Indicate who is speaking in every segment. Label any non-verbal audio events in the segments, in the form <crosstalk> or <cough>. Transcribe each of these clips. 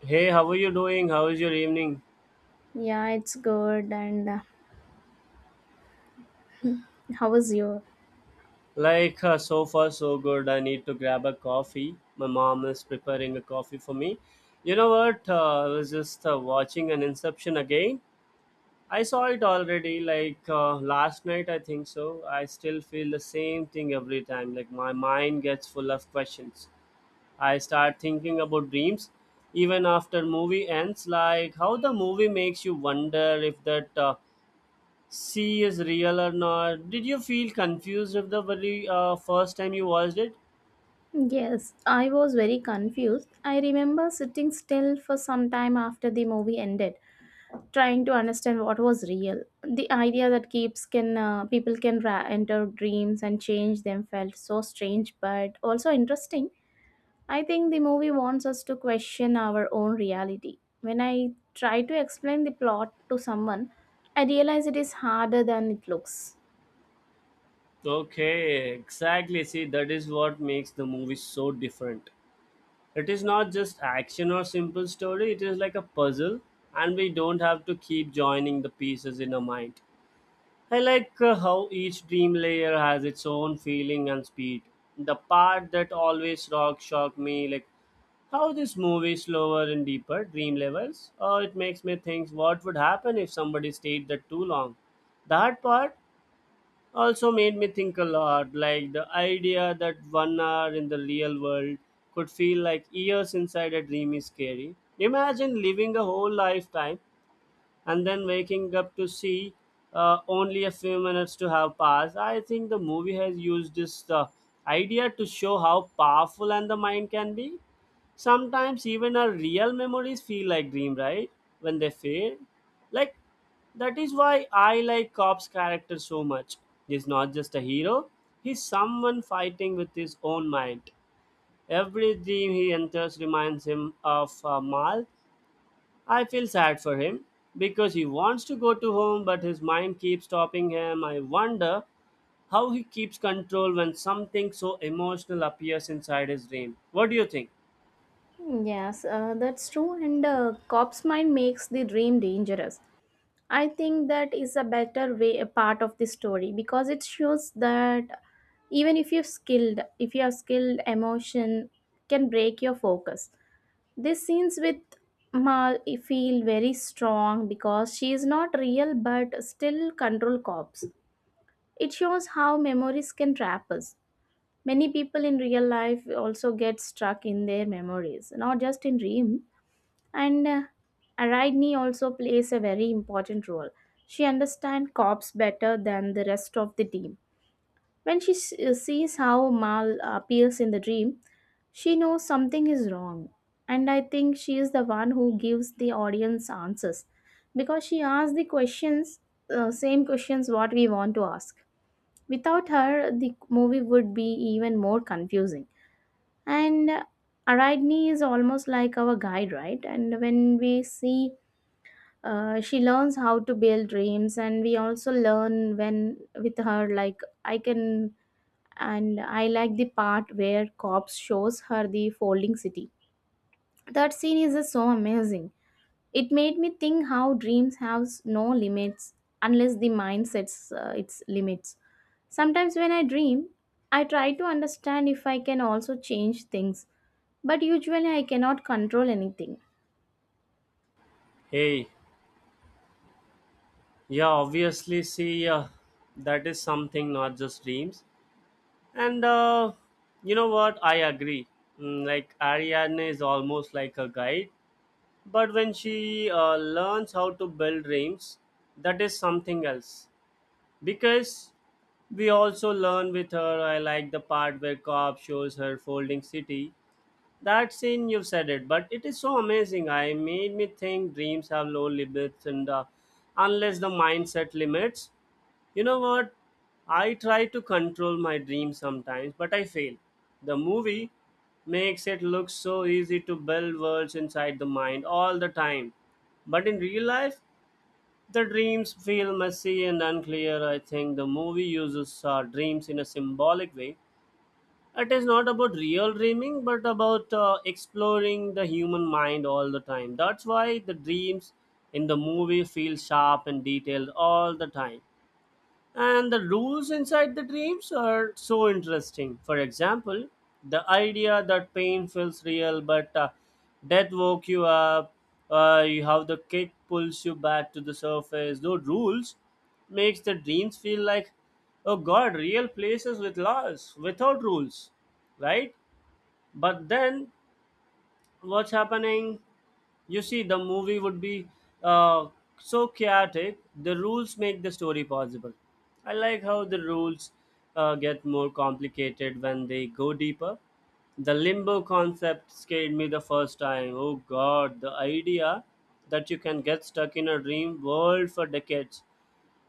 Speaker 1: Hey, how are you doing? How is your evening?
Speaker 2: Yeah, it's good. And How was your?
Speaker 1: So far, so good. I need to grab a coffee. My mom is preparing a coffee for me. You know what? I was just watching an Inception again. I saw it already, last night, I think so. I still feel the same thing every time. Like, my mind gets full of questions. I start thinking about dreams even after movie ends, like how the movie makes you wonder if that see is real or not. Did you feel confused with the very first time you watched it?
Speaker 2: Yes, I was very confused. I remember sitting still for some time after the movie ended, trying to understand what was real. The idea that keeps can people can enter dreams and change them felt so strange, but also interesting. I think the movie wants us to question our own reality. When I try to explain the plot to someone, I realize it is harder than it looks.
Speaker 1: Okay, exactly. See, that is what makes the movie so different. It is not just action or simple story, it is like a puzzle, and we don't have to keep joining the pieces in our mind. I like how each dream layer has its own feeling and speed. The part that always rock shocked me, like how this movie slower and deeper dream levels, or it makes me think what would happen if somebody stayed there too long. That part also made me think a lot, like the idea that 1 hour in the real world could feel like years inside a dream is scary. Imagine living a whole lifetime and then waking up to see only a few minutes to have passed. I think the movie has used this idea to show how powerful and the mind can be. Sometimes even our real memories feel like dream, right? When they fade, like that is why I like Cop's character so much. He's not just a hero; he's someone fighting with his own mind. Every dream he enters reminds him of Mal, I feel sad for him because he wants to go to home, but his mind keeps stopping him. I wonder how he keeps control when something so emotional appears inside his dream. What do you think?
Speaker 2: Yes, that's true. And cop's mind makes the dream dangerous. I think that is a better way, a part of the story, because it shows that even if you're skilled, if you are skilled, emotion can break your focus. These scenes with Mal feel very strong because she is not real but still control cops. It shows how memories can trap us. Many people in real life also get stuck in their memories, not just in dreams and Ariadne also plays a very important role. She understands cops better than the rest of the team. When sees how Mal appears in the dream, she knows something is wrong. And I think she is the one who gives the audience answers because she asks the questions, same questions what we want to ask. Without her, the movie would be even more confusing. And Ariadne is almost like our guide, right? And when we see she learns how to build dreams and we also learn when with her, like I can. And I like the part where cops shows her the folding city. That scene is just so amazing. It made me think how dreams have no limits unless the mind sets its limits. Sometimes when I dream, I try to understand if I can also change things, but usually I cannot control anything.
Speaker 1: Hey, yeah, obviously, see, that is something, not just dreams. And you know what? I agree. Mm, like, Ariadne is almost like a guide, but when she learns how to build dreams, that is something else because we also learn with her. I like the part where Cobb shows her folding city. That scene, you've said it, but it is so amazing. I made me think dreams have no limits and unless the mindset limits. You know what, I try to control my dreams sometimes but I fail. The movie makes it look so easy to build worlds inside the mind all the time, but in real life the dreams feel messy and unclear. I think the movie uses dreams in a symbolic way. It is not about real dreaming, but about exploring the human mind all the time. That's why the dreams in the movie feel sharp and detailed all the time. And the rules inside the dreams are so interesting. For example, the idea that pain feels real, but death woke you up, you have the kick pulls you back to the surface. Those rules makes the dreams feel like, oh God, real places with laws, without rules, right? But then what's happening, you see the movie would be uh, so chaotic. The rules make the story possible. I like how the rules get more complicated when they go deeper. The limbo concept scared me the first time. Oh God, the idea that you can get stuck in a dream world for decades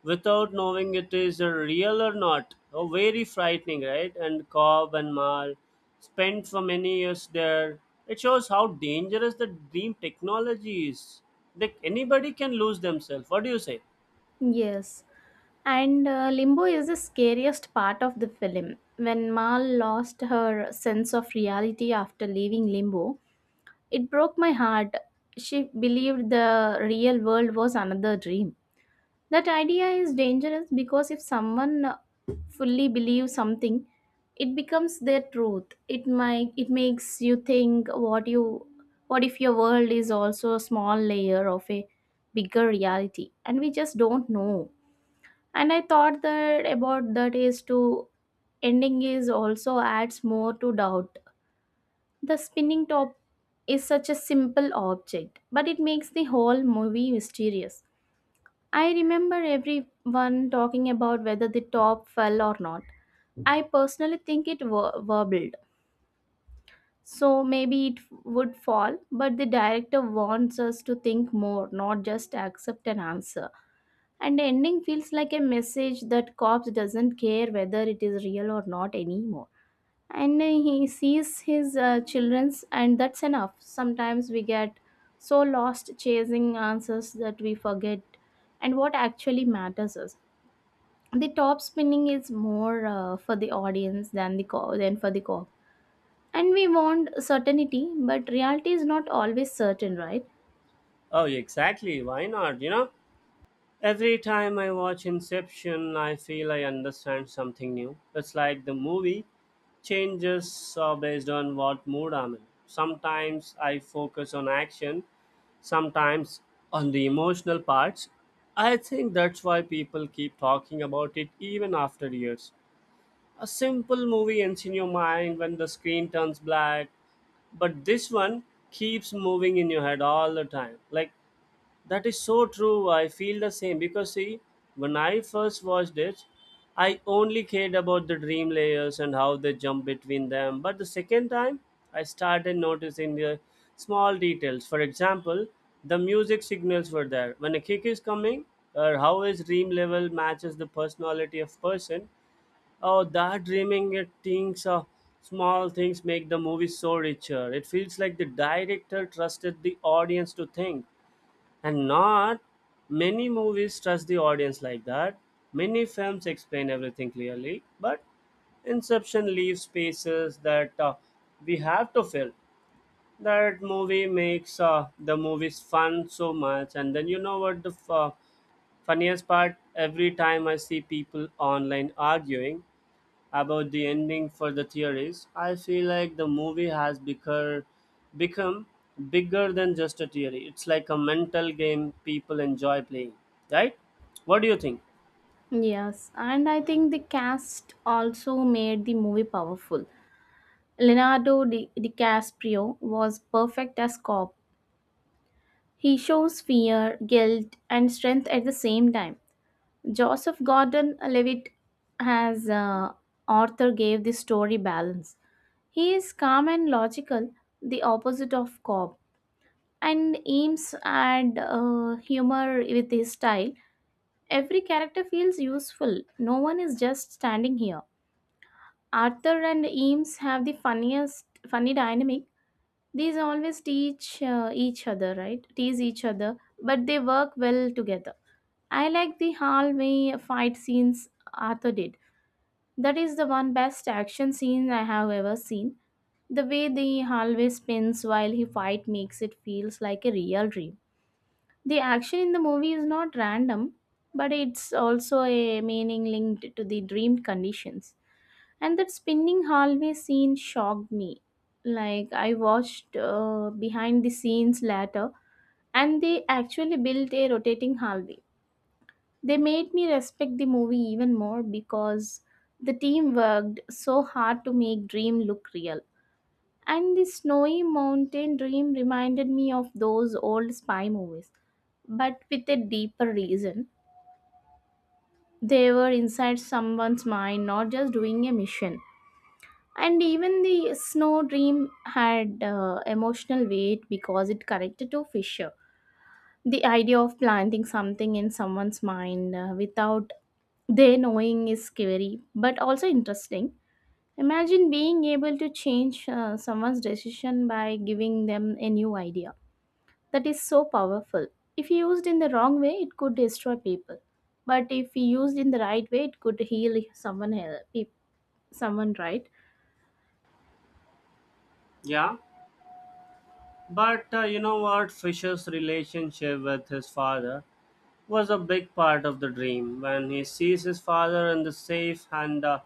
Speaker 1: without knowing it is a real or not. Oh, very frightening, right? And Cobb and Mar spent for many years there. It shows how dangerous the dream technology is. Like anybody can lose themselves. What do you say?
Speaker 2: Yes. And Limbo is the scariest part of the film. When Mal lost her sense of reality after leaving Limbo, it broke my heart. She believed the real world was another dream. That idea is dangerous because if someone fully believes something, it becomes their truth. It makes you think what you, what if your world is also a small layer of a bigger reality and we just don't know. And I thought that about, that is to ending is also adds more to doubt. The spinning top is such a simple object, but it makes the whole movie mysterious. I remember everyone talking about whether the top fell or not. I personally think it wobbled, so maybe it would fall, but the director wants us to think more, not just accept an answer. And the ending feels like a message that cops doesn't care whether it is real or not anymore, and he sees his children's and that's enough. Sometimes we get so lost chasing answers that we forget, and what actually matters is the top spinning is more for the audience than the than for the cop. And we want certainty, but reality is not always certain, right?
Speaker 1: Oh, exactly. Why not? You know, every time I watch Inception, I feel I understand something new. It's like the movie changes based on what mood I'm in. Sometimes I focus on action, sometimes on the emotional parts. I think that's why people keep talking about it even after years. A simple movie ends in your mind when the screen turns black, but this one keeps moving in your head all the time. Like that is so true. I feel the same because see, when I first watched it, I only cared about the dream layers and how they jump between them. But the second time, I started noticing the small details. For example, the music signals were there. When a kick is coming, or how his dream level matches the personality of person, oh, that dreaming it things small things make the movie so richer. It feels like the director trusted the audience to think, and not many movies trust the audience like that. Many films explain everything clearly, but Inception leaves spaces that we have to fill. That movie makes the movies fun so much. And then, you know what, the funniest part, every time I see people online arguing about the ending for the theories. I feel like the movie has become bigger than just a theory. It's like a mental game people enjoy playing, right? What do you think?
Speaker 2: Yes, and I think the cast also made the movie powerful. DiCaprio was perfect as cop. He shows fear, guilt, and strength at the same time. Joseph Gordon-Levitt as Arthur gave the story balance. He is calm and logical, the opposite of Cobb. And aims at humor with his style. Every character feels useful. No one is just standing here. Arthur and Eames have the funniest funny dynamic. These always teach each other, right? Tease each other, but they work well together. I like the hallway fight scenes Arthur did. That is the one best action scene I have ever seen. The way the hallway spins while he fight makes it feels like a real dream. The action in the movie is not random, but it's also a meaning linked to the dreamed conditions. And that spinning hallway scene shocked me. Like, I watched behind the scenes later, and they actually built a rotating hallway. They made me respect the movie even more because the team worked so hard to make dream look real. And the snowy mountain dream reminded me of those old spy movies, but with a deeper reason. They were inside someone's mind, not just doing a mission. And even the snow dream had emotional weight because it connected to Fisher. The idea of planting something in someone's mind without their knowing is scary, but also interesting. Imagine being able to change someone's decision by giving them a new idea. That is so powerful. If used in the wrong way, it could destroy people, but if used in the right way, it could heal someone someone, right?
Speaker 1: Yeah, but you know what? Fisher's relationship with his father was a big part of the dream. When he sees his father in the safe and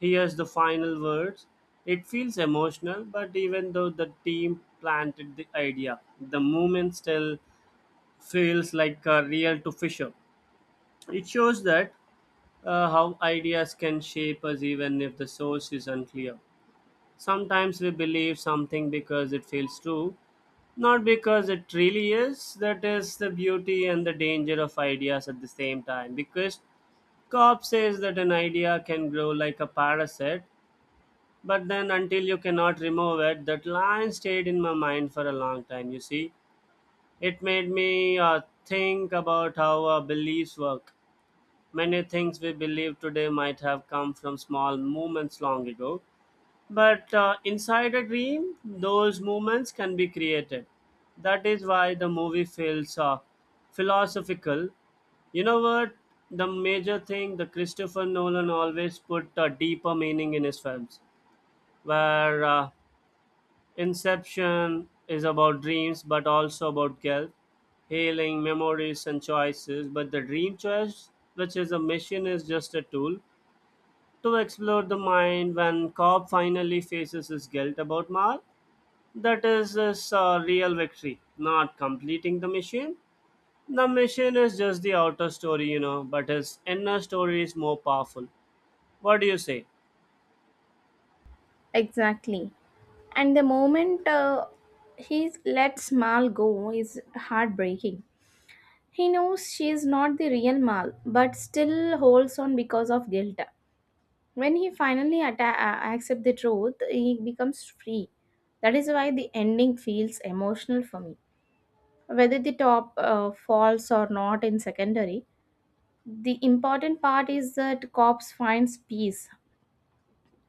Speaker 1: hears the final words, it feels emotional. But even though the team planted the idea, the moment still feels like a real to Fisher. It shows that how ideas can shape us even if the source is unclear. Sometimes we believe something because it feels true, not because it really is. That is the beauty and the danger of ideas at the same time. Because Cobb says that an idea can grow like a parasite, but then until you cannot remove it, that line stayed in my mind for a long time, you see. It made me think about how our beliefs work. Many things we believe today might have come from small movements long ago, but inside a dream, those movements can be created. That is why the movie feels philosophical. You know what? The major thing, the Christopher Nolan always put a deeper meaning in his films, where Inception is about dreams, but also about guilt, healing, memories, and choices. But the dream choice, which is a mission, is just a tool to explore the mind. When Cobb finally faces his guilt about Mal, that is his real victory, not completing the mission. The mission is just the outer story, you know, but his inner story is more powerful. What do you say?
Speaker 2: Exactly. And the moment he lets Mal go is heartbreaking. He knows she is not the real Mal, but still holds on because of guilt. When he finally atta- accepts the truth, he becomes free. That is why the ending feels emotional for me. Whether the top falls or not in secondary, the important part is that cops finds peace,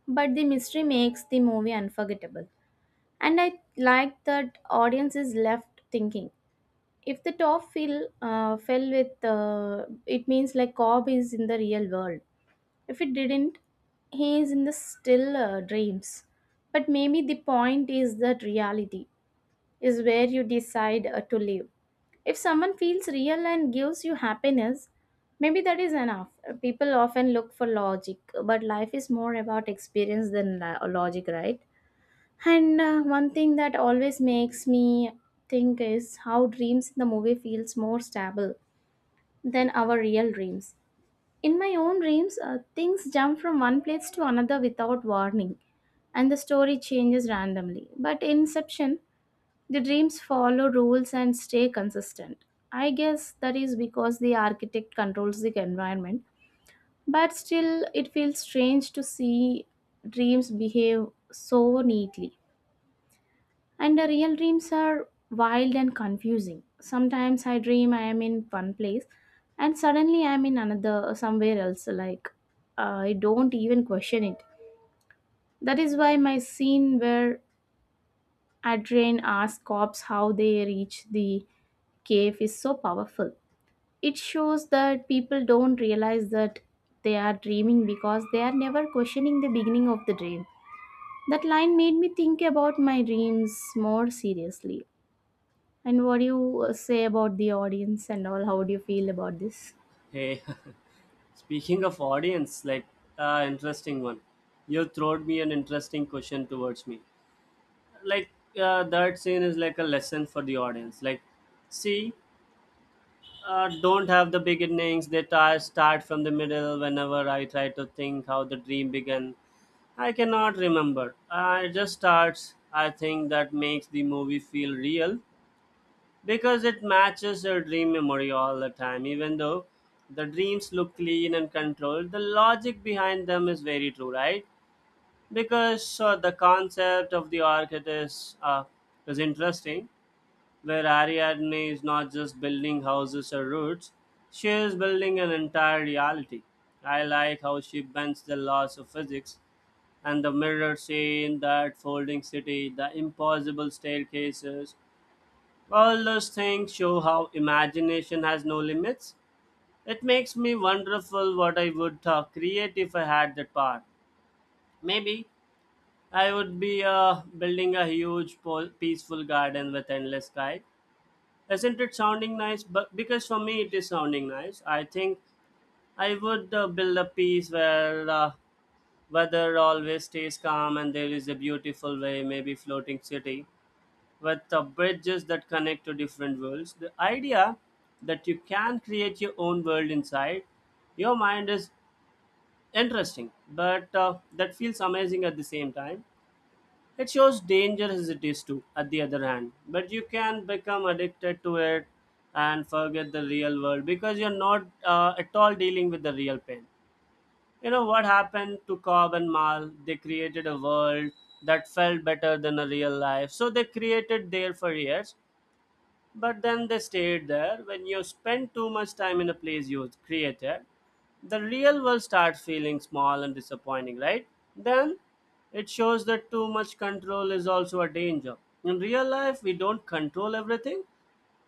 Speaker 2: but the mystery makes the movie unforgettable. And I like that audience is left thinking, if the top fell fell with it means like Cobb is in the real world. If it didn't, he is in the still dreams. But maybe the point is that reality is where you decide to live. If someone feels real and gives you happiness, maybe that is enough. People often look for logic, but life is more about experience than logic, right? And one thing that always makes me think is how dreams in the movie feels more stable than our real dreams. In my own dreams, things jump from one place to another without warning, and the story changes randomly. But in Inception, the dreams follow rules and stay consistent. I guess that is because the architect controls the environment, but still, it feels strange to see dreams behave so neatly. And the real dreams are wild and confusing. Sometimes I dream I am in one place and suddenly I am in another, somewhere else. Like, I don't even question it. That is why my scene where Adrian asks cops how they reach the cave is so powerful. It shows that people don't realize that they are dreaming because they are never questioning the beginning of the dream. That line made me think about my dreams more seriously. And what do you say about the audience and all? How do you feel about this?
Speaker 1: Hey. <laughs> Speaking of audience, like interesting one. You throwed me an interesting question towards me. Like that scene is like a lesson for the audience. Like, see, don't have the beginnings. They start from the middle. Whenever I try to think how the dream began, I cannot remember. I just starts. I think that makes the movie feel real because it matches your dream memory all the time. Even though the dreams look clean and controlled, the logic behind them is very true, right? Because the concept of the architect is, interesting, where Ariadne is not just building houses or routes, she is building an entire reality. I like how she bends the laws of physics, and the mirror scene, that folding city, the impossible staircases. All those things show how imagination has no limits. It makes me wonderful what I would create if I had that power. Maybe I would be building a huge, peaceful garden with endless sky. Isn't it sounding nice? But because for me it is sounding nice, I think I would build a piece where weather always stays calm and there is a beautiful way, maybe floating city with the bridges that connect to different worlds. The idea that you can create your own world inside your mind is interesting, but that feels amazing at the same time. It shows danger as it is too, at the other hand, but you can become addicted to it and forget the real world because you're not at all dealing with the real pain. You know what happened to Cobb and Mal? They created a world that felt better than a real life. So they created there for years, but then they stayed there. When you spend too much time in a place you created, the real world starts feeling small and disappointing, right? Then it shows that too much control is also a danger. In real life, we don't control everything,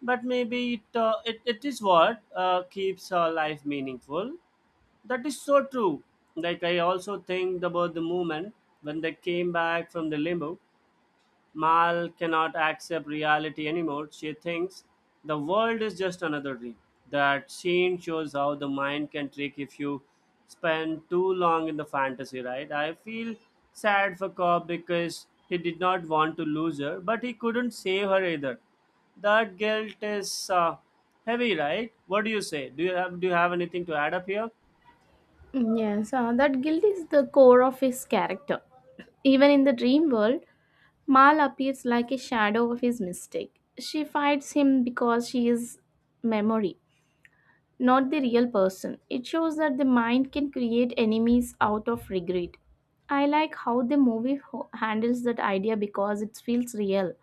Speaker 1: but maybe it is what keeps our life meaningful. That is so true. Like, I also think about the moment when they came back from the limbo, Mal cannot accept reality anymore. She thinks the world is just another dream. That scene shows how the mind can trick if you spend too long in the fantasy, right? I feel sad for Cobb because he did not want to lose her, but he couldn't save her either. That guilt is heavy, right? What do you say? Do you have anything to add up here?
Speaker 2: Yes, that guilt is the core of his character. Even in the dream world, Mal appears like a shadow of his mistake. She fights him because she is memory, not the real person. It shows that the mind can create enemies out of regret. I like how the movie handles that idea because it feels real.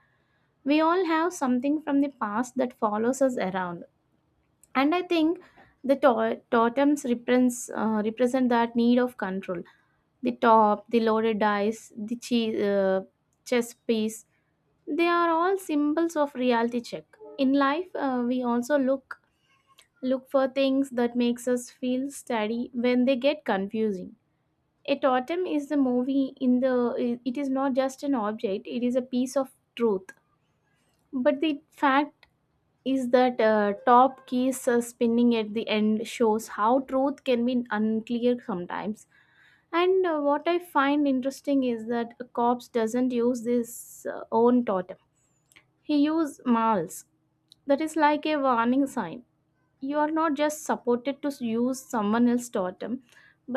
Speaker 2: We all have something from the past that follows us around. And I think the totems represents, represent that need of control. The top, the loaded dice, the chess piece, they are all symbols of reality check. In life, we also look for things that makes us feel steady when they get confusing. A totem is the movie in the, it is not just an object, it is a piece of truth. But the fact is that top keys spinning at the end shows how truth can be unclear sometimes. And what I find interesting is that a corpse doesn't use this own totem. He uses Mals. That is like a warning sign. You are not just supported to use someone else's totem,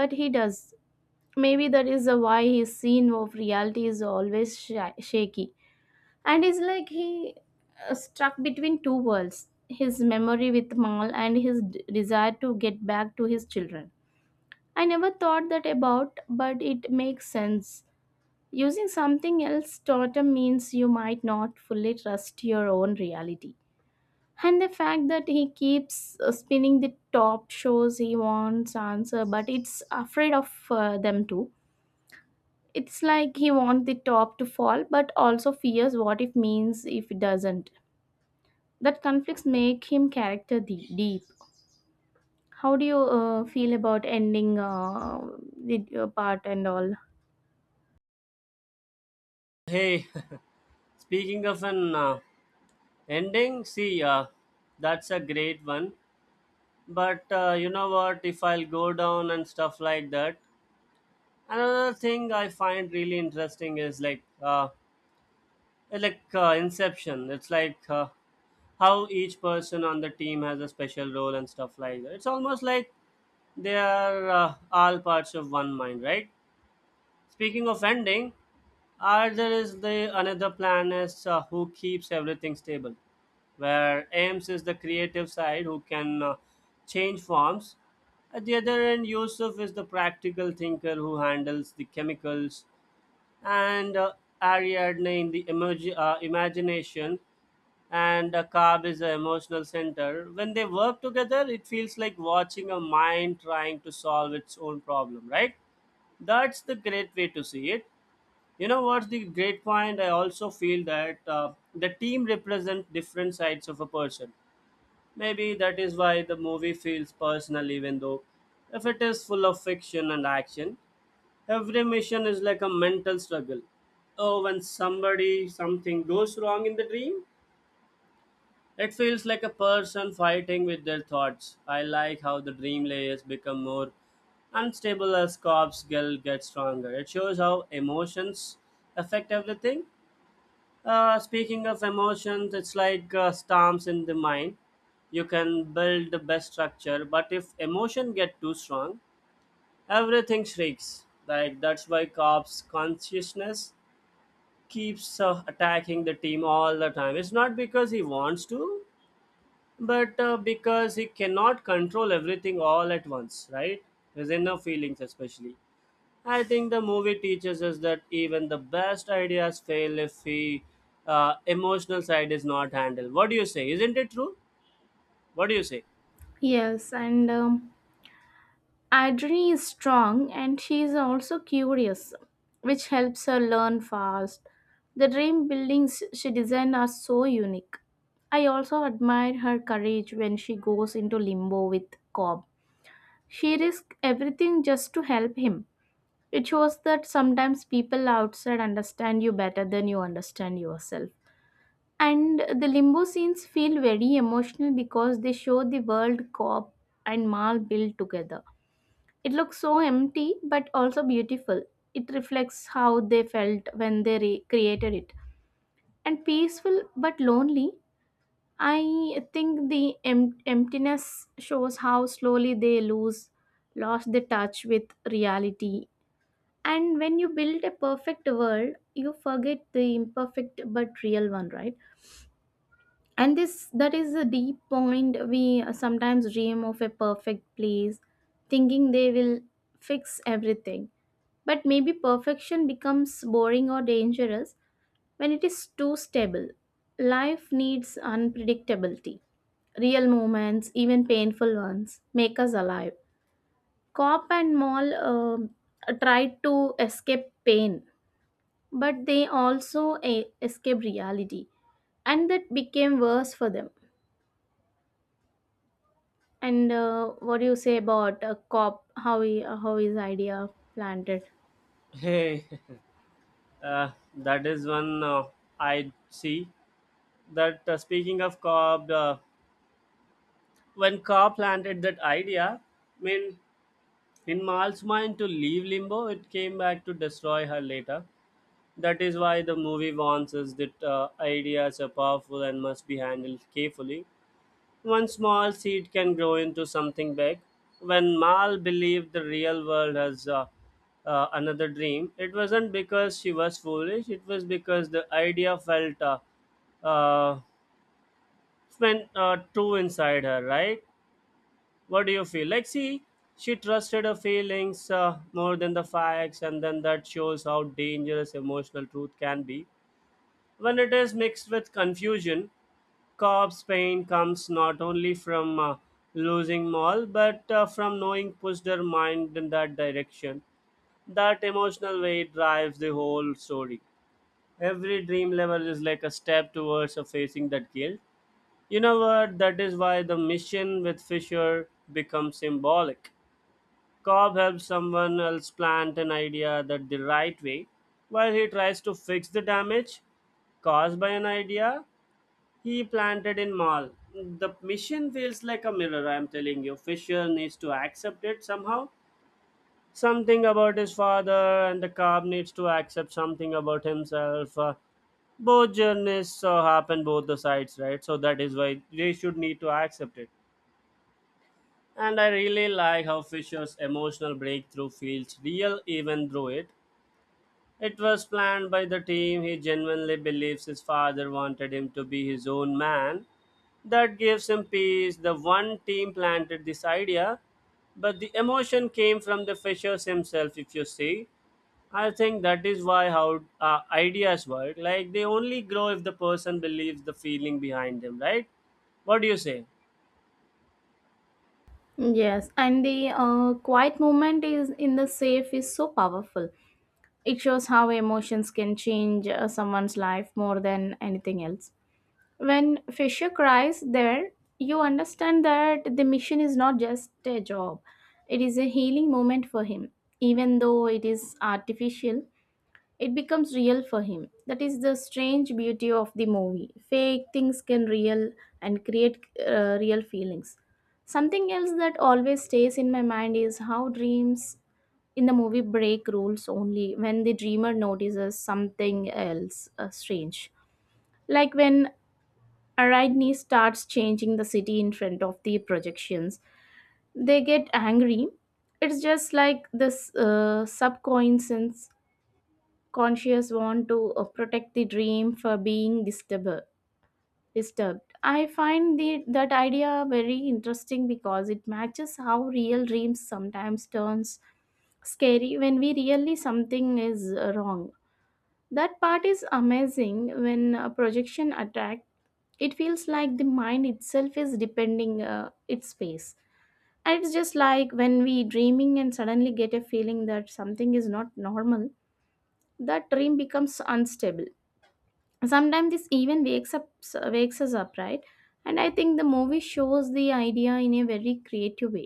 Speaker 2: but he does. Maybe that is why his scene of reality is always shaky. And it's like he stuck between two worlds, his memory with Mal and his desire to get back to his children. I never thought that about, but it makes sense. Using something else totem means you might not fully trust your own reality. And the fact that he keeps spinning the top shows he wants answer, but it's afraid of them too. It's like he wants the top to fall, but also fears what it means if it doesn't. That conflicts make him character deep. How do you feel about ending, the part and all?
Speaker 1: Hey, <laughs> speaking of an ending, see, that's a great one. But you know what, if I'll go down and stuff like that, another thing I find really interesting is like, it's like, inception, it's like, how each person on the team has a special role and stuff like that. It's almost like they are all parts of one mind, right? Speaking of ending, are there is the another planet who keeps everything stable, where Ames is the creative side who can change forms. At the other end, Yusuf is the practical thinker who handles the chemicals, and Ariadne in the emoji, imagination, and Cobb is the emotional center. When they work together, it feels like watching a mind trying to solve its own problem, right? That's the great way to see it. You know what's the great point? I also feel that the team represents different sides of a person. Maybe that is why the movie feels personal, even though if it is full of fiction and action, every mission is like a mental struggle. Oh, when somebody something goes wrong in the dream, it feels like a person fighting with their thoughts. I like how the dream layers become more unstable as Cobb's guild gets stronger. It shows how emotions affect everything. Speaking of emotions, it's like, storms in the mind. You can build the best structure, but if emotion get too strong, everything shrieks. Like that's why Cobb's consciousness keeps attacking the team all the time. It's not because he wants to, but because he cannot control everything all at once, right? His inner feelings, especially. I think the movie teaches us that even the best ideas fail if the emotional side is not handled. What do you say? Isn't it true? What do you say?
Speaker 2: Yes, and Adri is strong and she is also curious, which helps her learn fast. The dream buildings she designed are so unique. I also admire her courage when she goes into limbo with Cobb. She risks everything just to help him. It shows that sometimes people outside understand you better than you understand yourself. And the limbo scenes feel very emotional because they show the world Cobb and Mal built together. It looks so empty but also beautiful. It reflects how they felt when they created it. And peaceful but lonely. I think the emptiness shows how slowly they lose lost the touch with reality. And when you build a perfect world, you forget the imperfect but real one, right? And this that is a deep point. We sometimes dream of a perfect place, thinking they will fix everything. But maybe perfection becomes boring or dangerous when it is too stable. Life needs unpredictability. Real moments, even painful ones, make us alive. Cop and Mall tried to escape pain, but they also escape reality, and that became worse for them. And what do you say about a cop, how he, how his idea planted?
Speaker 1: Hey, <laughs> that is one, I see. That, speaking of Cobb, when Cobb planted that idea, I mean, in Mal's mind to leave Limbo, it came back to destroy her later. That is why the movie warns us that ideas are powerful and must be handled carefully. One small seed can grow into something big. When Mal believed the real world has another dream, it wasn't because she was foolish, it was because the idea felt uh, went true inside her, right? What do you feel? Like, see, she trusted her feelings more than the facts, and then that shows how dangerous emotional truth can be. When it is mixed with confusion, Cobb's pain comes not only from losing Maul, but from knowing pushed her mind in that direction. That emotional weight drives the whole story. Every dream level is like a step towards facing that guilt. You know what? That is why the mission with Fisher becomes symbolic. Cobb helps someone else plant an idea that the right way, while he tries to fix the damage caused by an idea he planted in Mall. The mission feels like a mirror, I'm telling you. Fisher needs to accept it somehow. Something about his father, and the cop needs to accept something about himself. Both journeys happen both the sides, right? So that is why they should need to accept it. And I really like how Fisher's emotional breakthrough feels real even through it. It was planned by the team. He genuinely believes his father wanted him to be his own man. That gives him peace. The one team planted this idea, but the emotion came from the fishers himself, if you see. I think that is why how ideas work. Like they only grow if the person believes the feeling behind them, right? What do you say?
Speaker 2: Yes, and the quiet movement is in the safe is so powerful. It shows how emotions can change someone's life more than anything else. When Fisher cries there, you understand that the mission is not just a job, it is a healing moment for him. Even though it is artificial, it becomes real for him. That is the strange beauty of the movie. Fake things can real and create real feelings. Something else that always stays in my mind is how dreams in the movie break rules only when the dreamer notices something else strange, like when Ariadne starts changing the city in front of the projections. They get angry. It's just like this subconscious conscious want to protect the dream for being disturbed. Disturbed. I find that idea very interesting because it matches how real dreams sometimes turns scary when we really something is wrong. That part is amazing. When a projection attack, it feels like the mind itself is depending its space, and it's just like when we dreaming and suddenly get a feeling that something is not normal, that dream becomes unstable. Sometimes this even wakes us up, right? And I think the movie shows the idea in a very creative way.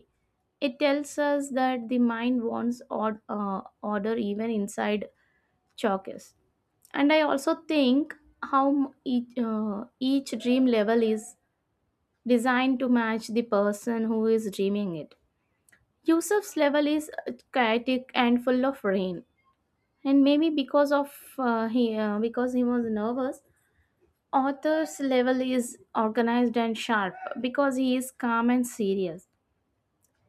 Speaker 2: It tells us that the mind wants order even inside chalkers. And I also think how each dream level is designed to match the person who is dreaming it. Yusuf's level is chaotic and full of rain, and maybe because of he because he was nervous. Arthur's level is organized and sharp because he is calm and serious.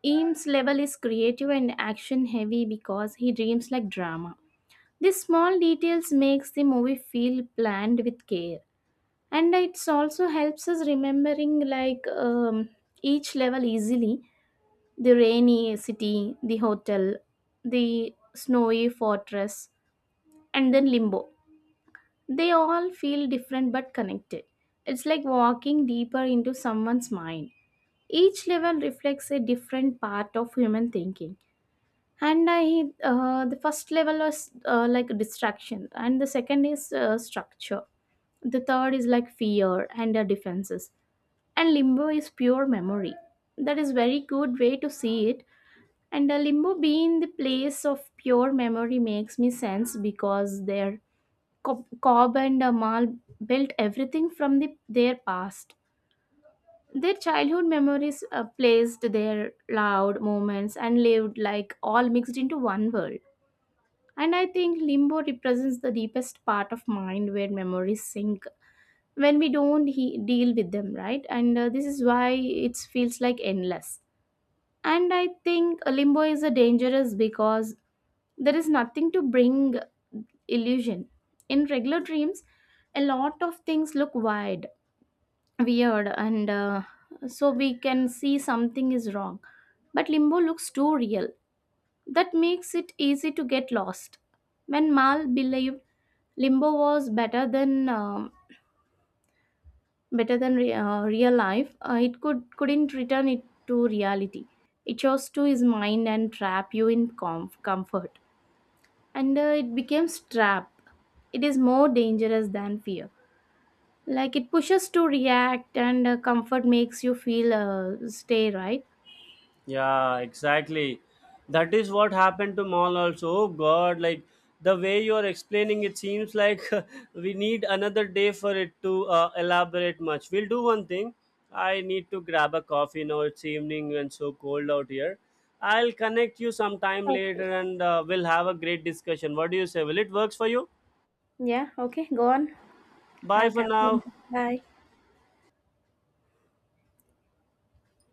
Speaker 2: Eames' level is creative and action heavy because he dreams like drama. These small details makes the movie feel planned with care, and it also helps us remembering each level easily: the rainy city, the hotel, the snowy fortress, and then limbo. They all feel different but connected. It's like walking deeper into someone's mind. Each level reflects a different part of human thinking. And I, the first level was like distraction, and the second is structure. The third is like fear and the defenses. And limbo is pure memory. That is very good way to see it. And a limbo being the place of pure memory makes me sense because their Cobb and Amal built everything from their past. Their childhood memories placed their loud moments and lived like all mixed into one world. And I think limbo represents the deepest part of mind where memories sink when we don't deal with them, right? And this is why it feels like endless. And I think limbo is a dangerous because there is nothing to bring illusion. In regular dreams, a lot of things look wide, weird, and so we can see something is wrong. But limbo looks too real. That makes it easy to get lost. When Mal believed limbo was better than real life, it couldn't return it to reality. It chose to his mind and trap you in comfort. And it becomes trap. It is more dangerous than fear, like it pushes to react, and comfort makes you feel stay, right?
Speaker 1: Yeah, exactly. That is what happened to Mall also. Oh God, like the way you are explaining, it seems like <laughs> we need another day for it to elaborate much. We'll do one thing. I need to grab a coffee now. It's evening and so cold out here. I'll connect you sometime
Speaker 2: Okay.
Speaker 1: later and we'll have a great discussion. What do you say? Will it works for you?
Speaker 2: Yeah, okay, go on.
Speaker 1: Bye
Speaker 2: Have a
Speaker 1: for
Speaker 2: cup and-
Speaker 1: now.
Speaker 2: bye.